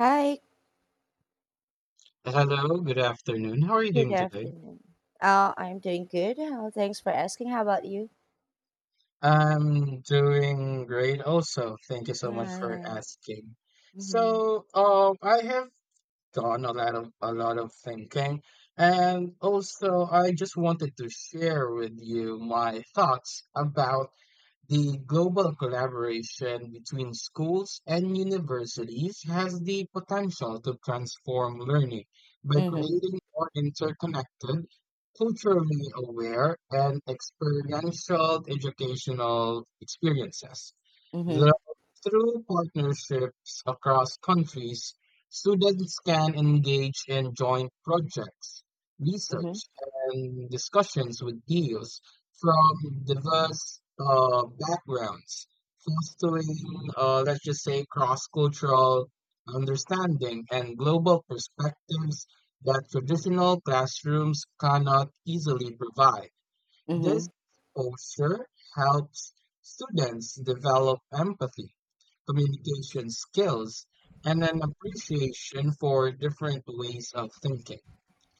Hi, Hello, good afternoon. How are you good doing today? afternoon. I'm doing good. Thanks for asking. How about you? I'm doing great also. Thank you so much Yeah, for yeah. asking. Mm-hmm. So, I have done a lot of thinking, and also I just wanted to share with you my thoughts about the global collaboration between schools and universities. Has the potential to transform learning by Mm-hmm. creating more interconnected, culturally aware, and experiential educational experiences. Thro- Mm-hmm. Through partnerships across countries, students can engage in joint projects, Mm-hmm. research, and discussions with peers from diverse backgrounds, fostering, let's just say, cross cultural understanding and global perspectives that traditional classrooms cannot easily provide. This Mm-hmm. exposure helps students develop empathy, communication skills, and an appreciation for different ways of thinking.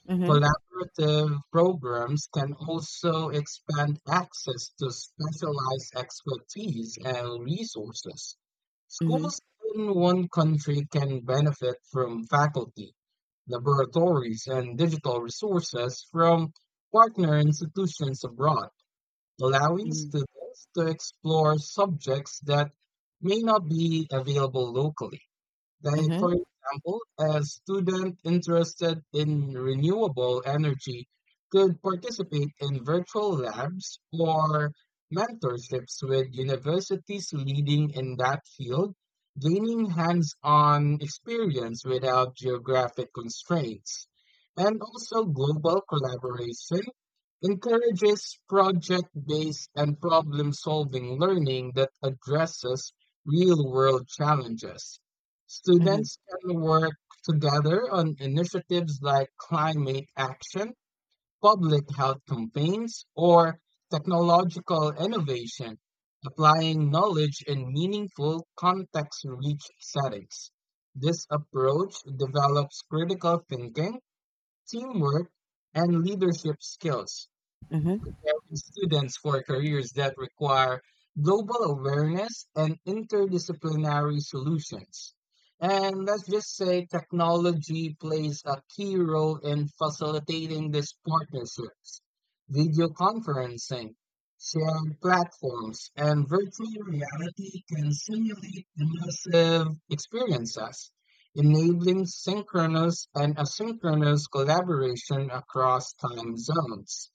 Mm-hmm. Collaborative programs can also expand access to specialized expertise and resources. Mm-hmm. Schools in one country can benefit from faculty, laboratories, and digital resources from partner institutions abroad, allowing Mm-hmm. students to explore subjects that may not be available locally. Like, Mm-hmm. for example, a student interested in renewable energy could participate in virtual labs or mentorships with universities leading in that field, gaining hands on experience without geographic constraints. And also, global collaboration encourages project based and problem solving learning that addresses real world challenges. Mm-hmm. Students can work together on initiatives like climate action, public health campaigns, or technological innovation, applying knowledge in meaningful context rich settings. This approach develops critical thinking, teamwork, and leadership skills preparing students for careers that require global awareness and interdisciplinary solutions. And let's just say technology plays a key role in facilitating these partnerships. Video conferencing, shared platforms, and virtual reality can simulate immersive experiences, enabling synchronous and asynchronous collaboration across time zones.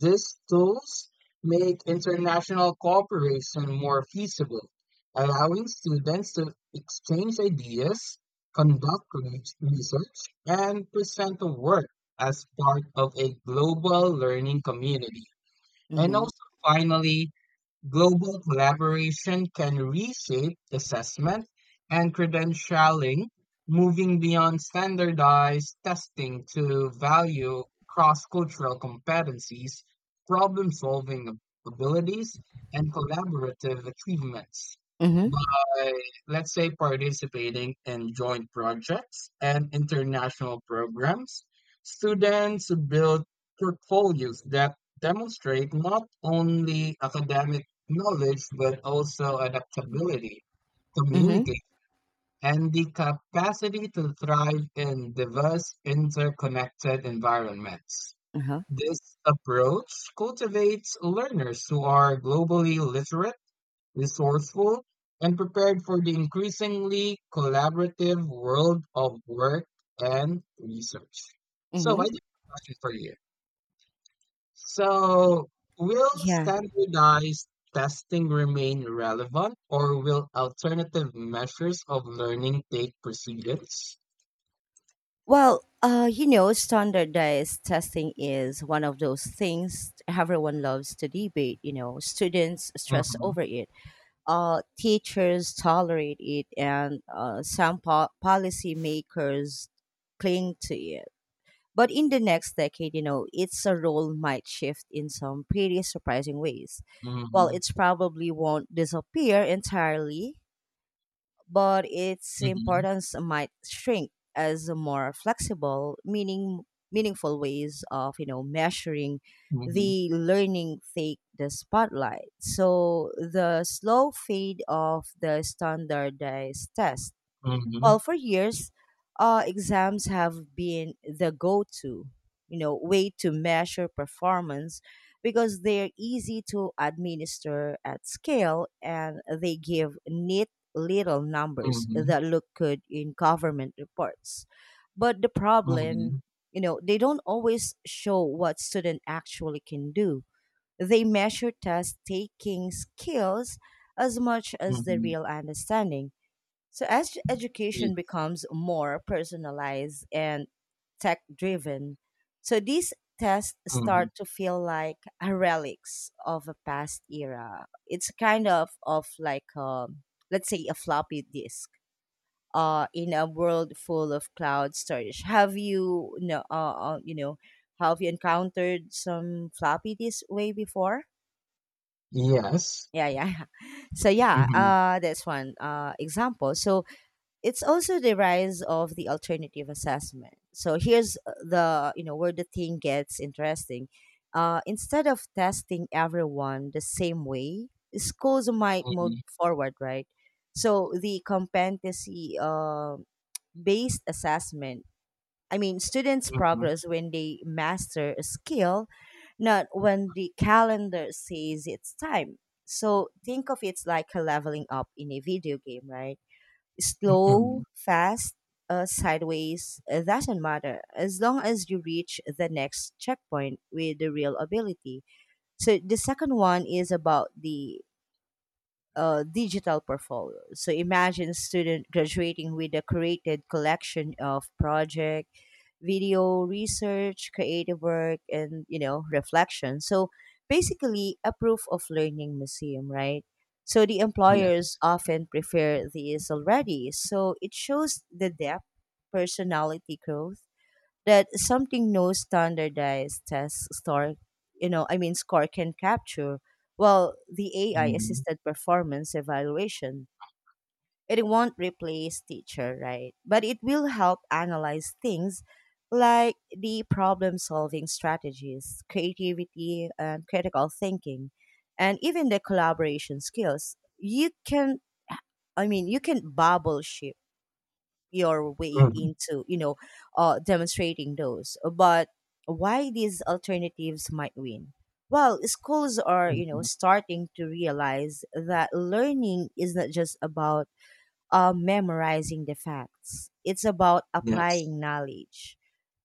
These tools make international cooperation more feasible, allowing students to exchange ideas, conduct research, and present the work as part of a global learning community. And also, finally, global collaboration can reshape assessment and credentialing, moving beyond standardized testing to value cross-cultural competencies, problem-solving abilities, and collaborative achievements Mm-hmm. by, let's say, participating in joint projects and international programs. Students build portfolios that demonstrate not only academic knowledge but also adaptability, Mm-hmm. communicate, and the capacity to thrive in diverse, interconnected environments. Uh-huh. This approach cultivates learners who are globally literate, resourceful, and prepared for the increasingly collaborative world of work and research. So, I Mm-hmm. do have a question for you. So, will Yeah. standardized testing remain relevant, or will alternative measures of learning take precedence? Well, you know, standardized testing is one of those things everyone loves to debate. You know, students stress Mhm, over it, teachers tolerate it, and some policymakers cling to it. But in the next decade, you know, its a role might shift in some pretty surprising ways. While mhm, it's probably won't disappear entirely, but its mhm, importance might shrink as more flexible meaningful ways of, you know, measuring mhm, the learning take the spotlight. So the slow fade of the standardized test, mhm, well, for years exams have been the go-to, you know, way to measure performance because they're easy to administer at scale, and they give neat little numbers mhm, that look good in government reports. But the mhm, problem, you know, they don't always show what student actually can do. They measure test taking skills as much as the mhm, real understanding. So as ye- education becomes more personalized and tech driven, so these tests mhm. start to feel like a relics of a past era. It's kind of like a, let's say, a floppy disk. In a world full of cloud storage, have you, no know, you know, have you encountered some floppy disk way before? Yes. Yeah, yeah. So yeah, Mhm, that's one example. So it's also the rise of the alternative assessment. So here's the, you know, where the thing gets interesting. Instead of testing everyone the same way, schools might move mhm, forward, right? So the competency based assessment. I mean, students mhm, progress when they master a skill, not when the calendar says it's time. So think of it like a leveling up in a video game, right? Slow, mhm. fast, sideways, doesn't matter as long as you reach the next checkpoint with the real ability. So the second one is about the digital portfolio. So imagine student graduating with a curated collection of project, video research, creative work, and, you know, reflection. So basically, a proof of learning museum, right? So the employers Yes. often prefer these already. So it shows the depth, personality growth, that something no standardized test store, you know, I mean, score can capture. Well, the AI Mhm, assisted performance evaluation, it won't replace teacher, right? But it will help analyze things like the problem solving strategies, creativity, and critical thinking, and even the collaboration skills. You can, I mean, you can bubble ship your way mhm, into, you know, demonstrating those. But why these alternatives might win? Well, schools are, you know, mhm. starting to realize that learning is not just about memorizing the facts. It's about Yes. applying knowledge,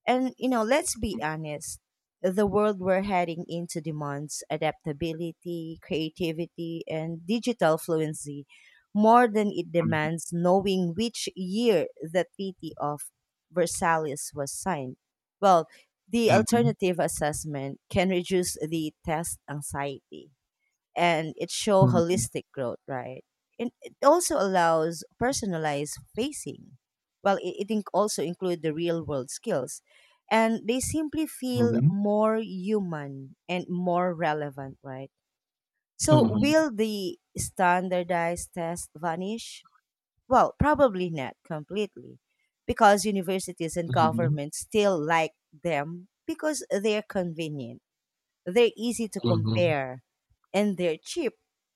and, you know, let's be honest. The world we're heading into demands adaptability, creativity, and digital fluency more than it Mhm, demands knowing which year the Treaty of Versailles was signed. Well, the mhm, alternative assessment can reduce the test anxiety and it show mhm, holistic growth, right? And it also allows personalized facing. Well, it also include the real world skills, and they simply feel mhm, more human and more relevant, right? So, mhm, will the standardized test vanish? Well, probably not completely, because universities and mhm, governments still like them because they're convenient, they're easy to mhm, compare, and they're cheap,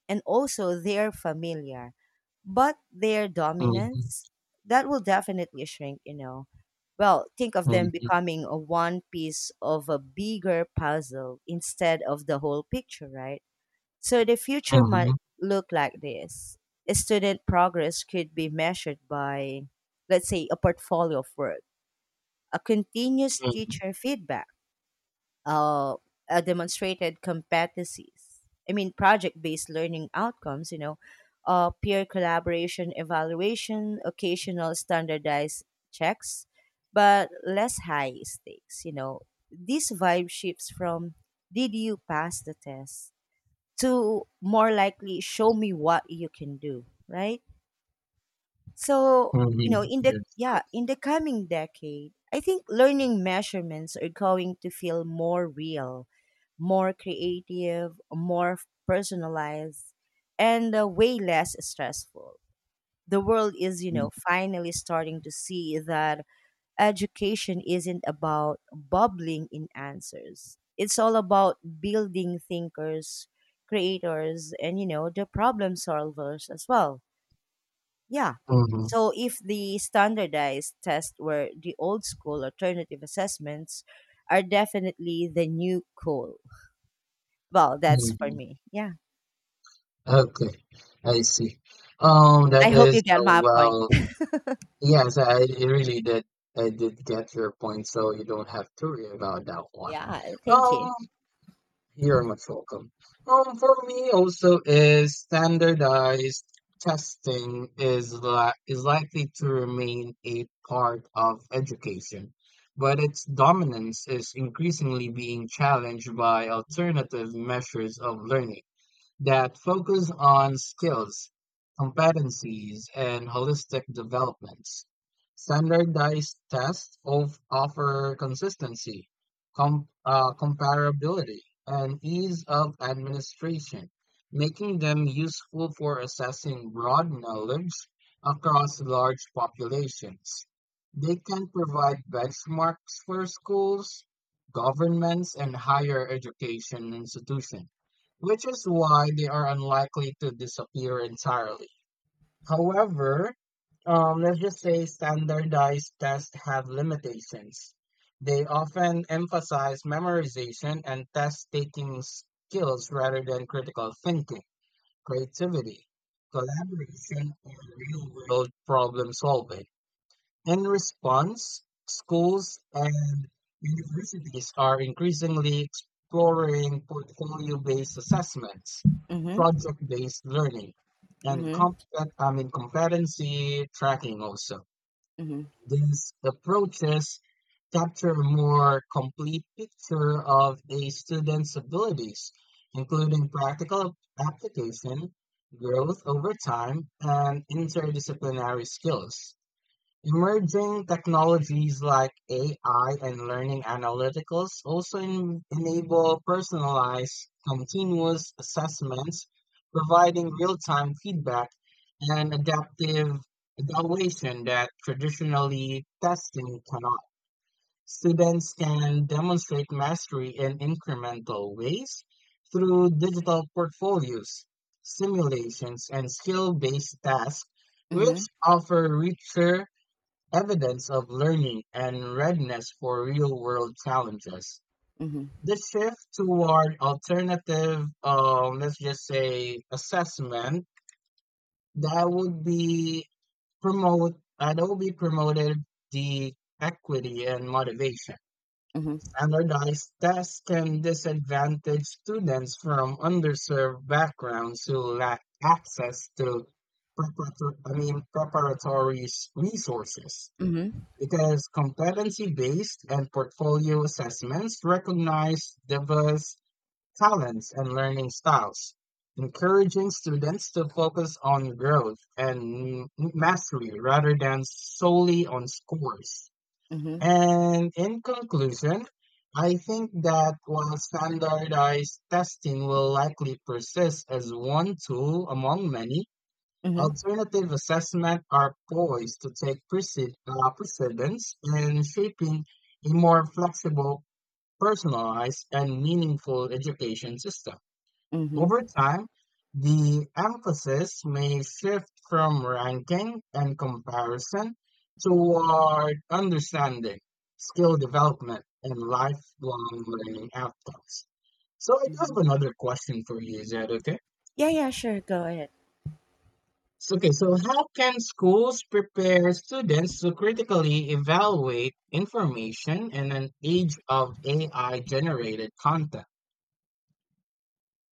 and also they're familiar. But their mhm, dominance, that will definitely shrink, you know. Well, think of them mhm. becoming a one piece of a bigger puzzle instead of the whole picture, right? So the future Mhm, might look like this. Student progress could be measured by, let's say, a portfolio of work, a continuous mhm, teacher feedback, uh, demonstrated competencies. I mean, project-based learning outcomes. You know, peer collaboration, evaluation, occasional standardized checks, but less high stakes. You know, this vibe shifts from "Did you pass the test?" to more likely "Show me what you can do." Right? So, you know, mhm, yes, correct, in the coming decade, I think learning measurements are going to feel more real, more creative, more personalized, and way less stressful. The world is, you mhm, know, finally starting to see that education isn't about bubbling in answers. It's all about building thinkers, creators, and, you know, the problem solvers as well. Yeah. mhm, So if the standardized tests were the old school, alternative assessments are definitely the new cool. Well, that's for mhm, me. Yeah. okay, I see. That I hope you is, get oh, my point. well, yes, I really did. I did get your point, so you don't have to worry about that one. Yeah, thank you. Um, You're much welcome. For me also is standardized testing is li is likely to remain a part of education, but its dominance is increasingly being challenged by alternative measures of learning that focus on skills, competencies, and holistic developments. Standardized tests of offer consistency, comparability, and ease of administration, making them useful for assessing broad knowledge across large populations. They can provide benchmarks for schools, governments, and higher education institutions, which is why they are unlikely to disappear entirely. However, let's just say standardized tests have limitations. They often emphasize memorization and test taking skills rather than critical thinking, creativity, collaboration, or real world problem solving. In response, schools and universities are increasingly exploring portfolio-based assessments, Mhm. project-based learning, and Mhm. I mean, competency tracking also. Mhm. These approaches capture a more complete picture of a student's abilities, including practical application, growth over time, and interdisciplinary skills. Emerging technologies like AI and learning analyticals also enable personalized, continuous assessments, providing real-time feedback and adaptive evaluation that traditionally testing cannot. Students can demonstrate mastery in incremental ways through digital portfolios, simulations, and skill-based tasks, which Mhm. offer richer evidence of learning and readiness for real world challenges. Mhm. The shift toward alternative, let's just say, assessment, that would be promote that would be promoted the equity and motivation. Mhm. Standardized tests can disadvantage students from underserved backgrounds who lack access to preparatory, I mean, resources, Mhm. because competency-based and portfolio assessments recognize diverse talents and learning styles, encouraging students to focus on growth and mastery rather than solely on scores. Mhm. And in conclusion, I think that while standardized testing will likely persist as one tool among many, Mhm. alternative assessment are poised to take precedence in shaping a more flexible, personalized, and meaningful education system. Mhm. Over time, the emphasis may shift from ranking and comparison toward understanding, skill development, and lifelong learning outcomes. So, I do have Mhm. another question for you. Is that okay? Yeah, yeah, sure. Go ahead. So, okay, so how can schools prepare students to critically evaluate information in an age of AI generated content?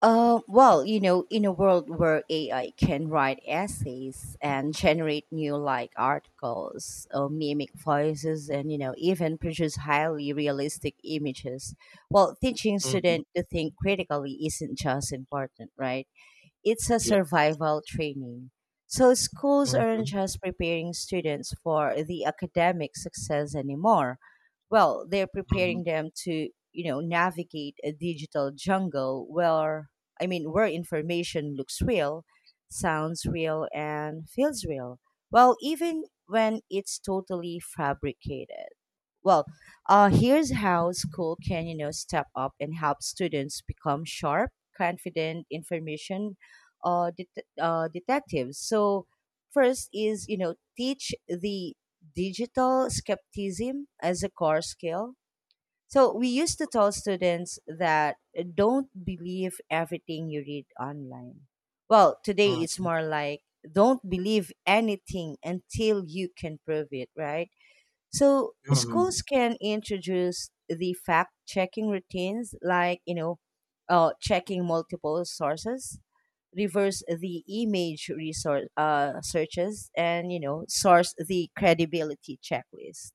Well, you know, in a world where AI can write essays and generate new like articles, mimic voices, and, you know, even produce highly realistic images, well, teaching Hmm. students to think critically isn't just important, right? It's a Yes. survival training. So schools aren't Mm-hmm. just preparing students for the academic success anymore. Well, they're Mm-hmm. preparing them to, you know, navigate a digital jungle where, where information looks real, sounds real, and feels real. Well, even when it's totally fabricated. Well, here's how school can, you know, step up and help students become sharp, confident, information detectives. So first is, you know, teach the digital skepticism as a core skill. So we used to tell students that don't believe everything you read online. Well, today it's Mm-hmm. more like don't believe anything until you can prove it, right? So Mm-hmm. schools can introduce the fact checking routines like, you know, checking multiple sources, reverse the image resource searches, and, you know, source the credibility checklist.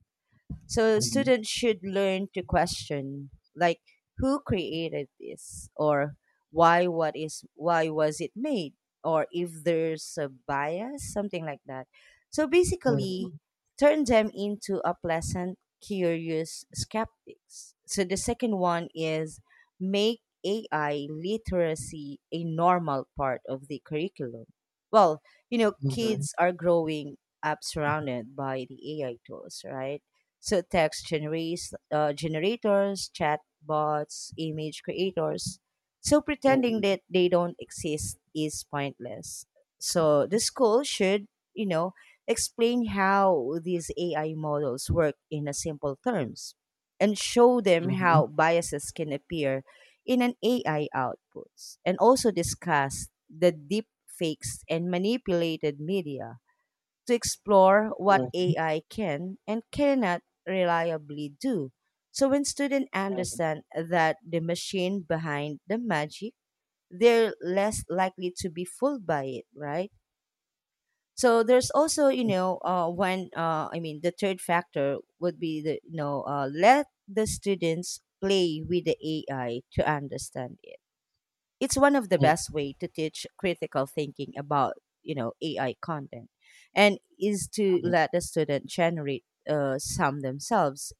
So Mm-hmm. students should learn to question like who created this or why what, is why was it made, or if there's a bias, something like that. So basically turn them into a pleasant curious skeptics. So the second one is make AI literacy a normal part of the curriculum. Well, you know, Mm-hmm. Mm-hmm. kids Mm-hmm. are growing up surrounded by the AI tools, right? So generators, chatbots, image creators. So pretending Mm-hmm. Yes. that they don't exist is pointless. So the school should, you know, explain how these AI models work in a simple terms, and show them how biases can appear in an AI outputs, and also discuss the deep fakes and manipulated media to explore what Mm-hmm. AI can and cannot reliably do. So when students understand that the machine behind the magic, they're less likely to be fooled by it, right? So there's also, you know, when I mean, the third factor would be the, you know, let the students play with the AI to understand it. It's one of the best way to teach critical thinking about, you know, AI content, and is to let the student generate some themselves.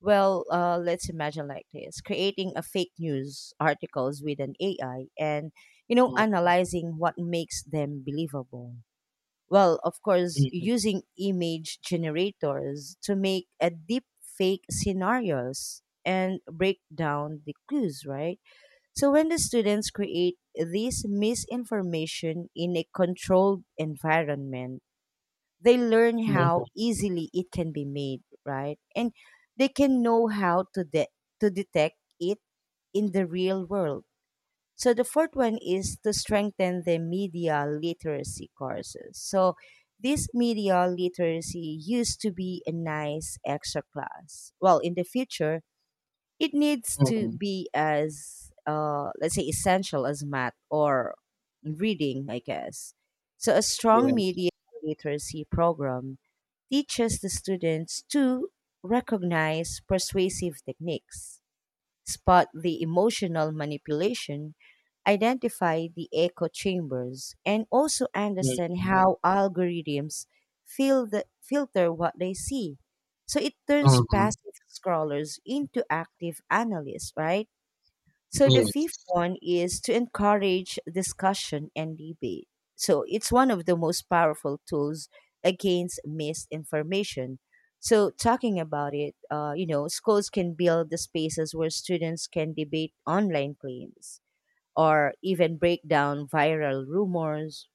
Well, let's imagine like this: creating a fake news articles with an AI, and, you know, analyzing what makes them believable. Well, of course, using image generators to make a deep fake scenarios and break down the clues, right? So when the students create this misinformation in a controlled environment, they learn how easily it can be made, right? And they can know how to to detect it in the real world. So the fourth one is to strengthen the media literacy courses. So this media literacy used to be a nice extra class. Well, in the future, it needs to be as, let's say, essential as math or reading, I guess. So, a strong media literacy program teaches the students to recognize persuasive techniques, spot the emotional manipulation, identify the echo chambers, and also understand how algorithms filter what they see. So it turns passive scrollers into active analysts, right? So the Yes. fifth one is to encourage discussion and debate. So it's one of the most powerful tools against misinformation. So talking about it, you know, schools can build the spaces where students can debate online claims, or even break down viral rumors,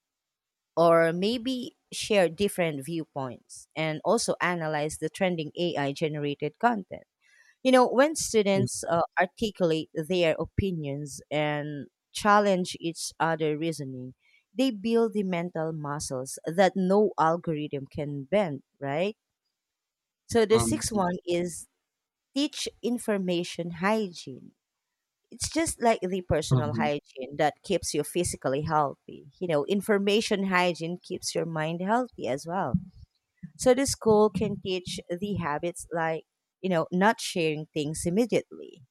or maybe share different viewpoints, and also analyze the trending AI generated content. You know, when students articulate their opinions and challenge each other reasoning, they build the mental muscles that no algorithm can bend, right? So the sixth Mm-hmm. one is teach information hygiene. It's just like the personal hygiene that keeps you physically healthy. You know, information hygiene keeps your mind healthy as well. So the school can teach the habits like, you know, not sharing things immediately,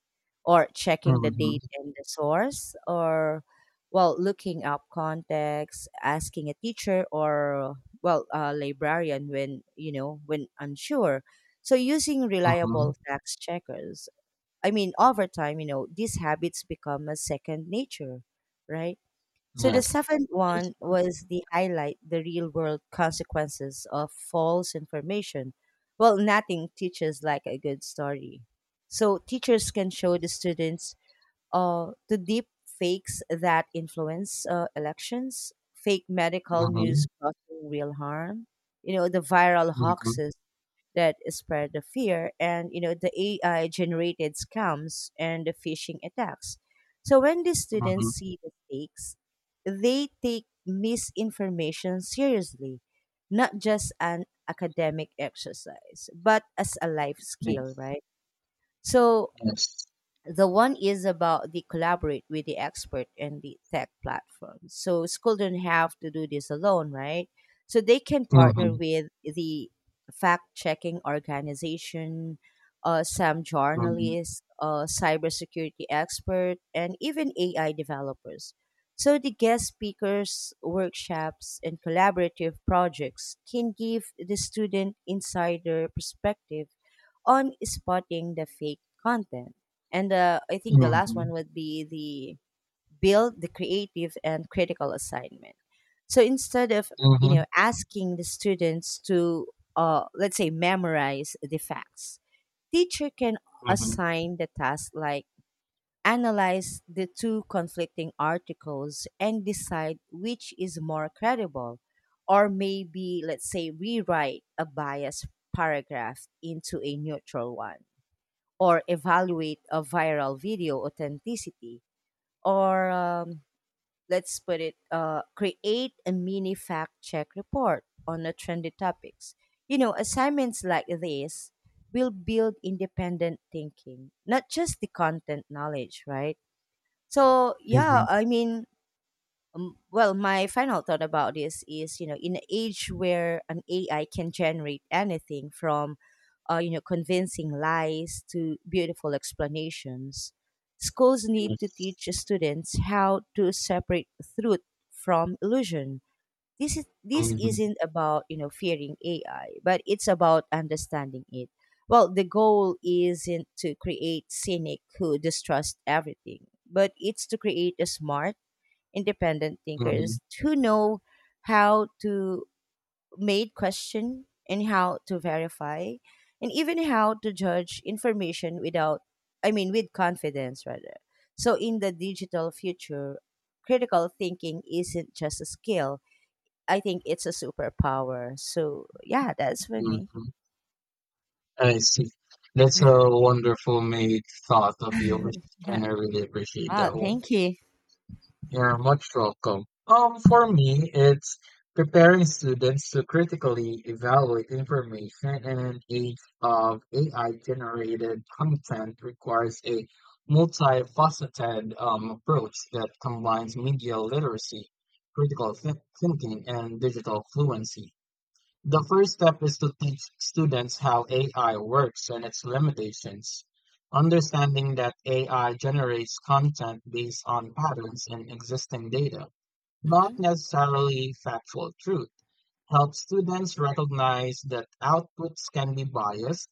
or checking the Mm-hmm. date and the source, or well, looking up context, asking a teacher or, well, a librarian when, you know, when unsure, so using Mm-hmm. reliable fact checkers. Over time, you know, these habits become a second nature, right? So the Yes. seventh Yes. one was the highlight the real world consequences of false information. Well, nothing teaches like a good story. So teachers can show the students the deep fakes that influence elections, fake medical news causing real harm, you know, the viral Mm-hmm. hoaxes that spread the fear, and, you know, the AI generated scams and the phishing attacks. So when the students Mhm. see the stakes, they take misinformation seriously, not just an academic exercise, but as a life skill, Yes. right? So Yes. the one is about the collaborate with the expert and the tech platform. So school don't have to do this alone, right? So they can partner Mhm. with the fact checking organization, some Mhm. journalists, cybersecurity expert, and even AI developers. So the guest speakers, workshops, and collaborative projects can give the student insider perspective on spotting the fake content. And I think the last Mhm. one would be the build the creative and critical assignment. So instead of, you Mhm. know, asking the students to, let's say, memorize the facts, teacher can Mhm. assign the task like analyze the two conflicting articles and decide which is more credible, or maybe, let's say, rewrite a biased paragraph into a neutral one, or evaluate a viral video authenticity, or let's put it, create a mini fact check report on the trendy topics. You know, assignments like this will build independent thinking, not just the content knowledge, right? So yeah, Mhm. Well, my final thought about this is, you know, in an age where an AI can generate anything from, you know, convincing lies to beautiful explanations, schools need to Yes. teach students how to separate truth from illusion. This Mhm. isn't about, you know, fearing AI, but it's about understanding it. Well, the goal isn't to create cynic who distrust everything, but it's to create a smart independent Mhm. thinkers who know how to make question, and how to verify, and even how to judge information without, with confidence rather. So in the digital future, critical thinking isn't just a skill. I think it's a superpower. So yeah, that's for me. Mhm. I see. That's a wonderful made thought of yours, and Yeah. I really appreciate that. Oh, thank you. Yeah, much welcome. For me, it's preparing students to critically evaluate information in an age of AI generated content requires a multifaceted approach that combines media literacy, critical thinking, and digital fluency. The first step is to teach students how AI works and its limitations. Understanding that AI generates content based on patterns in existing data, not Hmm. necessarily factual truth, helps students recognize that outputs can be biased,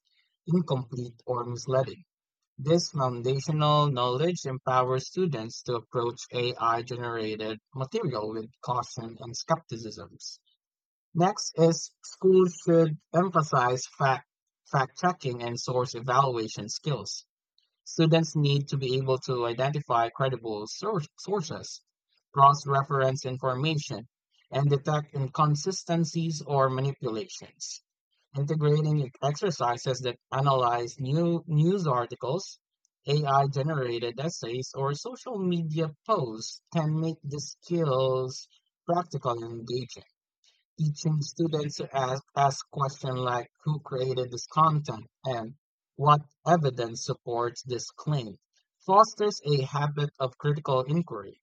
incomplete, or misleading. This foundational knowledge empowers students to approach AI generated material with caution and skepticism. Next is schools should emphasize fact checking and source evaluation skills. Students need to be able to identify credible sources, cross reference information, and detect inconsistencies or manipulations. Integrating exercises that analyze news articles, AI generated essays, or social media posts can make the skills practical and engaging, teaching students to ask questions like who created this content and what evidence supports this claim, fosters a habit of critical inquiry.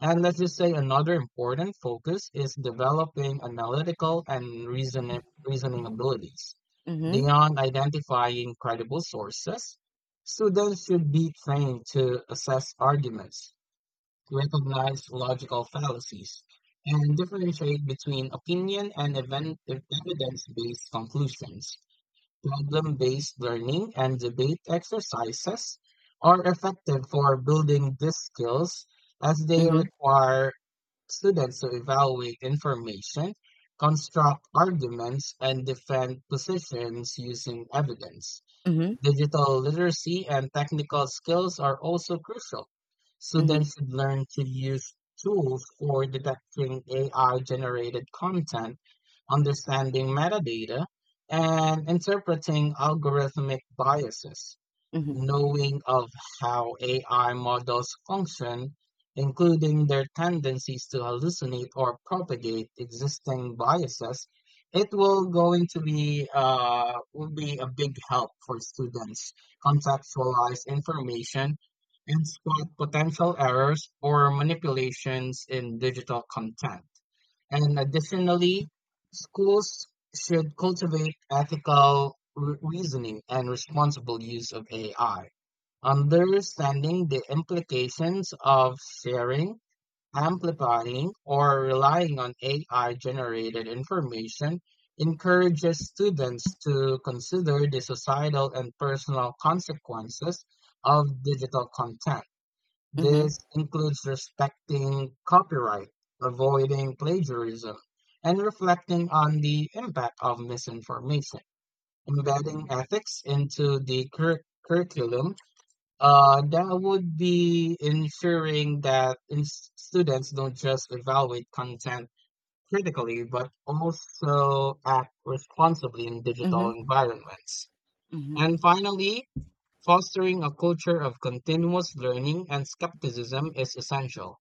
And let's just say another important focus is developing analytical and reasoning abilities. Mhm. Beyond identifying credible sources, students should be trained to assess arguments, recognize logical fallacies, and differentiate between opinion and evidence based conclusions. Problem based learning and debate exercises are effective for building these skills as they Mhm. require students to evaluate information, construct arguments, and defend positions using evidence. Mhm. Digital literacy and technical skills are also crucial. Mhm. Students should learn to use tools for detecting AI generated content, understanding metadata, and interpreting algorithmic biases, Mhm. knowing of how AI models function, including their tendencies to hallucinate or propagate existing biases. It will going to be will be a big help for students contextualize information and spot potential errors or manipulations in digital content. And additionally, schools should cultivate ethical reasoning and responsible use of AI, understanding the implications of sharing, amplifying, or relying on AI generated information. Encourages students to consider the societal and personal consequences of digital content. Mhm. This includes respecting copyright, avoiding plagiarism, and reflecting on the impact of misinformation. Embedding ethics into the curriculum, that would be ensuring that students don't just evaluate content critically, but also act responsibly in digital Mhm. environments. Mhm. And finally, fostering a culture of continuous learning and skepticism is essential.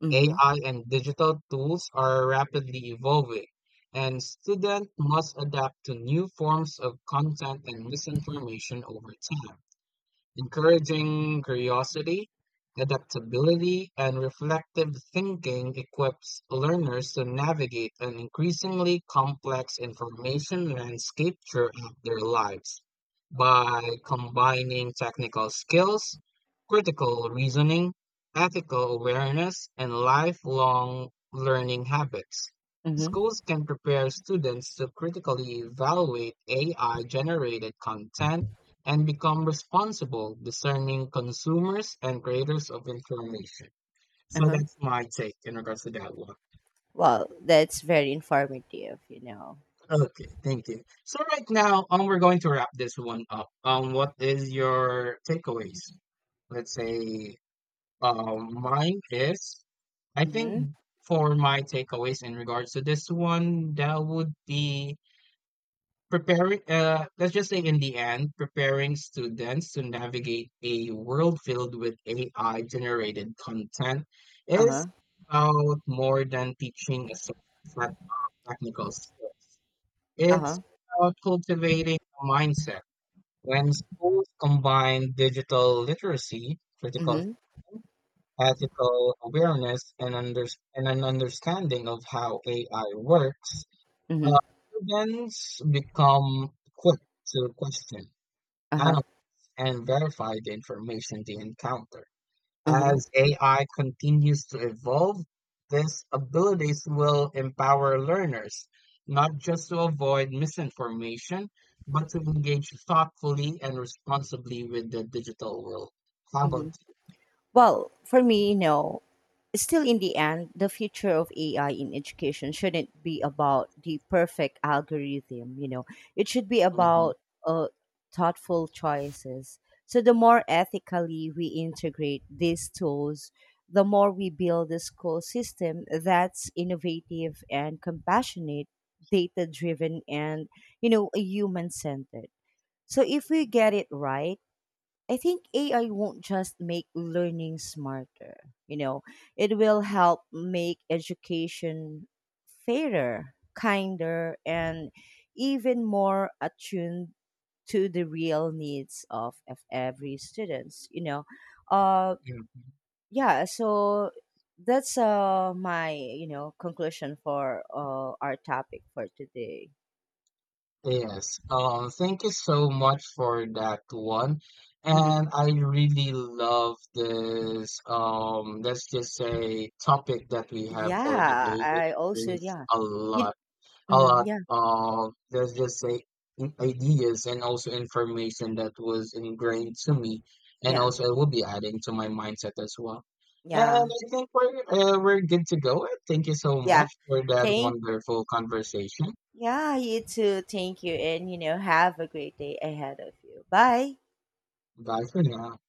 Mhm. AI and digital tools are rapidly evolving, and students must adapt to new forms of content and misinformation over time. Encouraging curiosity, adaptability, and reflective thinking equips learners to navigate an increasingly complex information landscape throughout their lives. Uh-huh. By combining technical skills, critical reasoning, ethical awareness, and lifelong learning habits, Mhm. schools can prepare students to critically evaluate AI generated content and become responsible, discerning consumers and creators of information. So Uh-huh. that's my take in regards to that one. Well, that's very informative, you know. Okay, thank you. So right now, we're going to wrap this one up. What is your takeaways? Let's say, mine is, I think Mm-hmm. for my takeaways in regards to this one, that would be preparing let's just say, in the end, preparing students to navigate a world filled with AI generated content is Uh-huh. about more than teaching a set technical skills. It's Uh-huh. about cultivating a mindset. When schools combine digital literacy, critical Mm-hmm. thinking, ethical awareness, and under and an understanding of how AI works, uh, Mm-hmm. students become quick to question, Uh-huh. analyze, and verify the information they encounter. Uh-huh. As AI continues to evolve, these abilities will empower learners, not just to avoid misinformation, but to engage thoughtfully and responsibly with the digital world. How Mm-hmm. about Well, for me, you know, still, in the end, the future of AI in education shouldn't be about the perfect algorithm, you know, it should be you? Mhm. about uh, thoughtful choices. So, the more ethically we integrate these tools, the more we build a school system that's innovative and compassionate, data driven, and, you know, human centered. So, if we get it right, I think AI won't just make learning smarter, you know, it will help make education fairer, kinder, and even more attuned to the real needs of every students, you know. Uh, Yeah. yeah, so that's my, you know, conclusion for our topic for today. Yes. Thank you so much for that one. Hmm. And I really love this let's just say topic that we have for Yeah, today. It I also, brings yeah. You, a mhm, lot yeah, of, let's just say, ideas and also information that was ingrained to me, and yeah, also it will be adding to my mindset as well. And yeah, I think we're good to go. Thank you so yeah. much for that Thank wonderful conversation. Yeah, you too. Thank you, and, you know, have a great day ahead of you. Bye. Bye for now.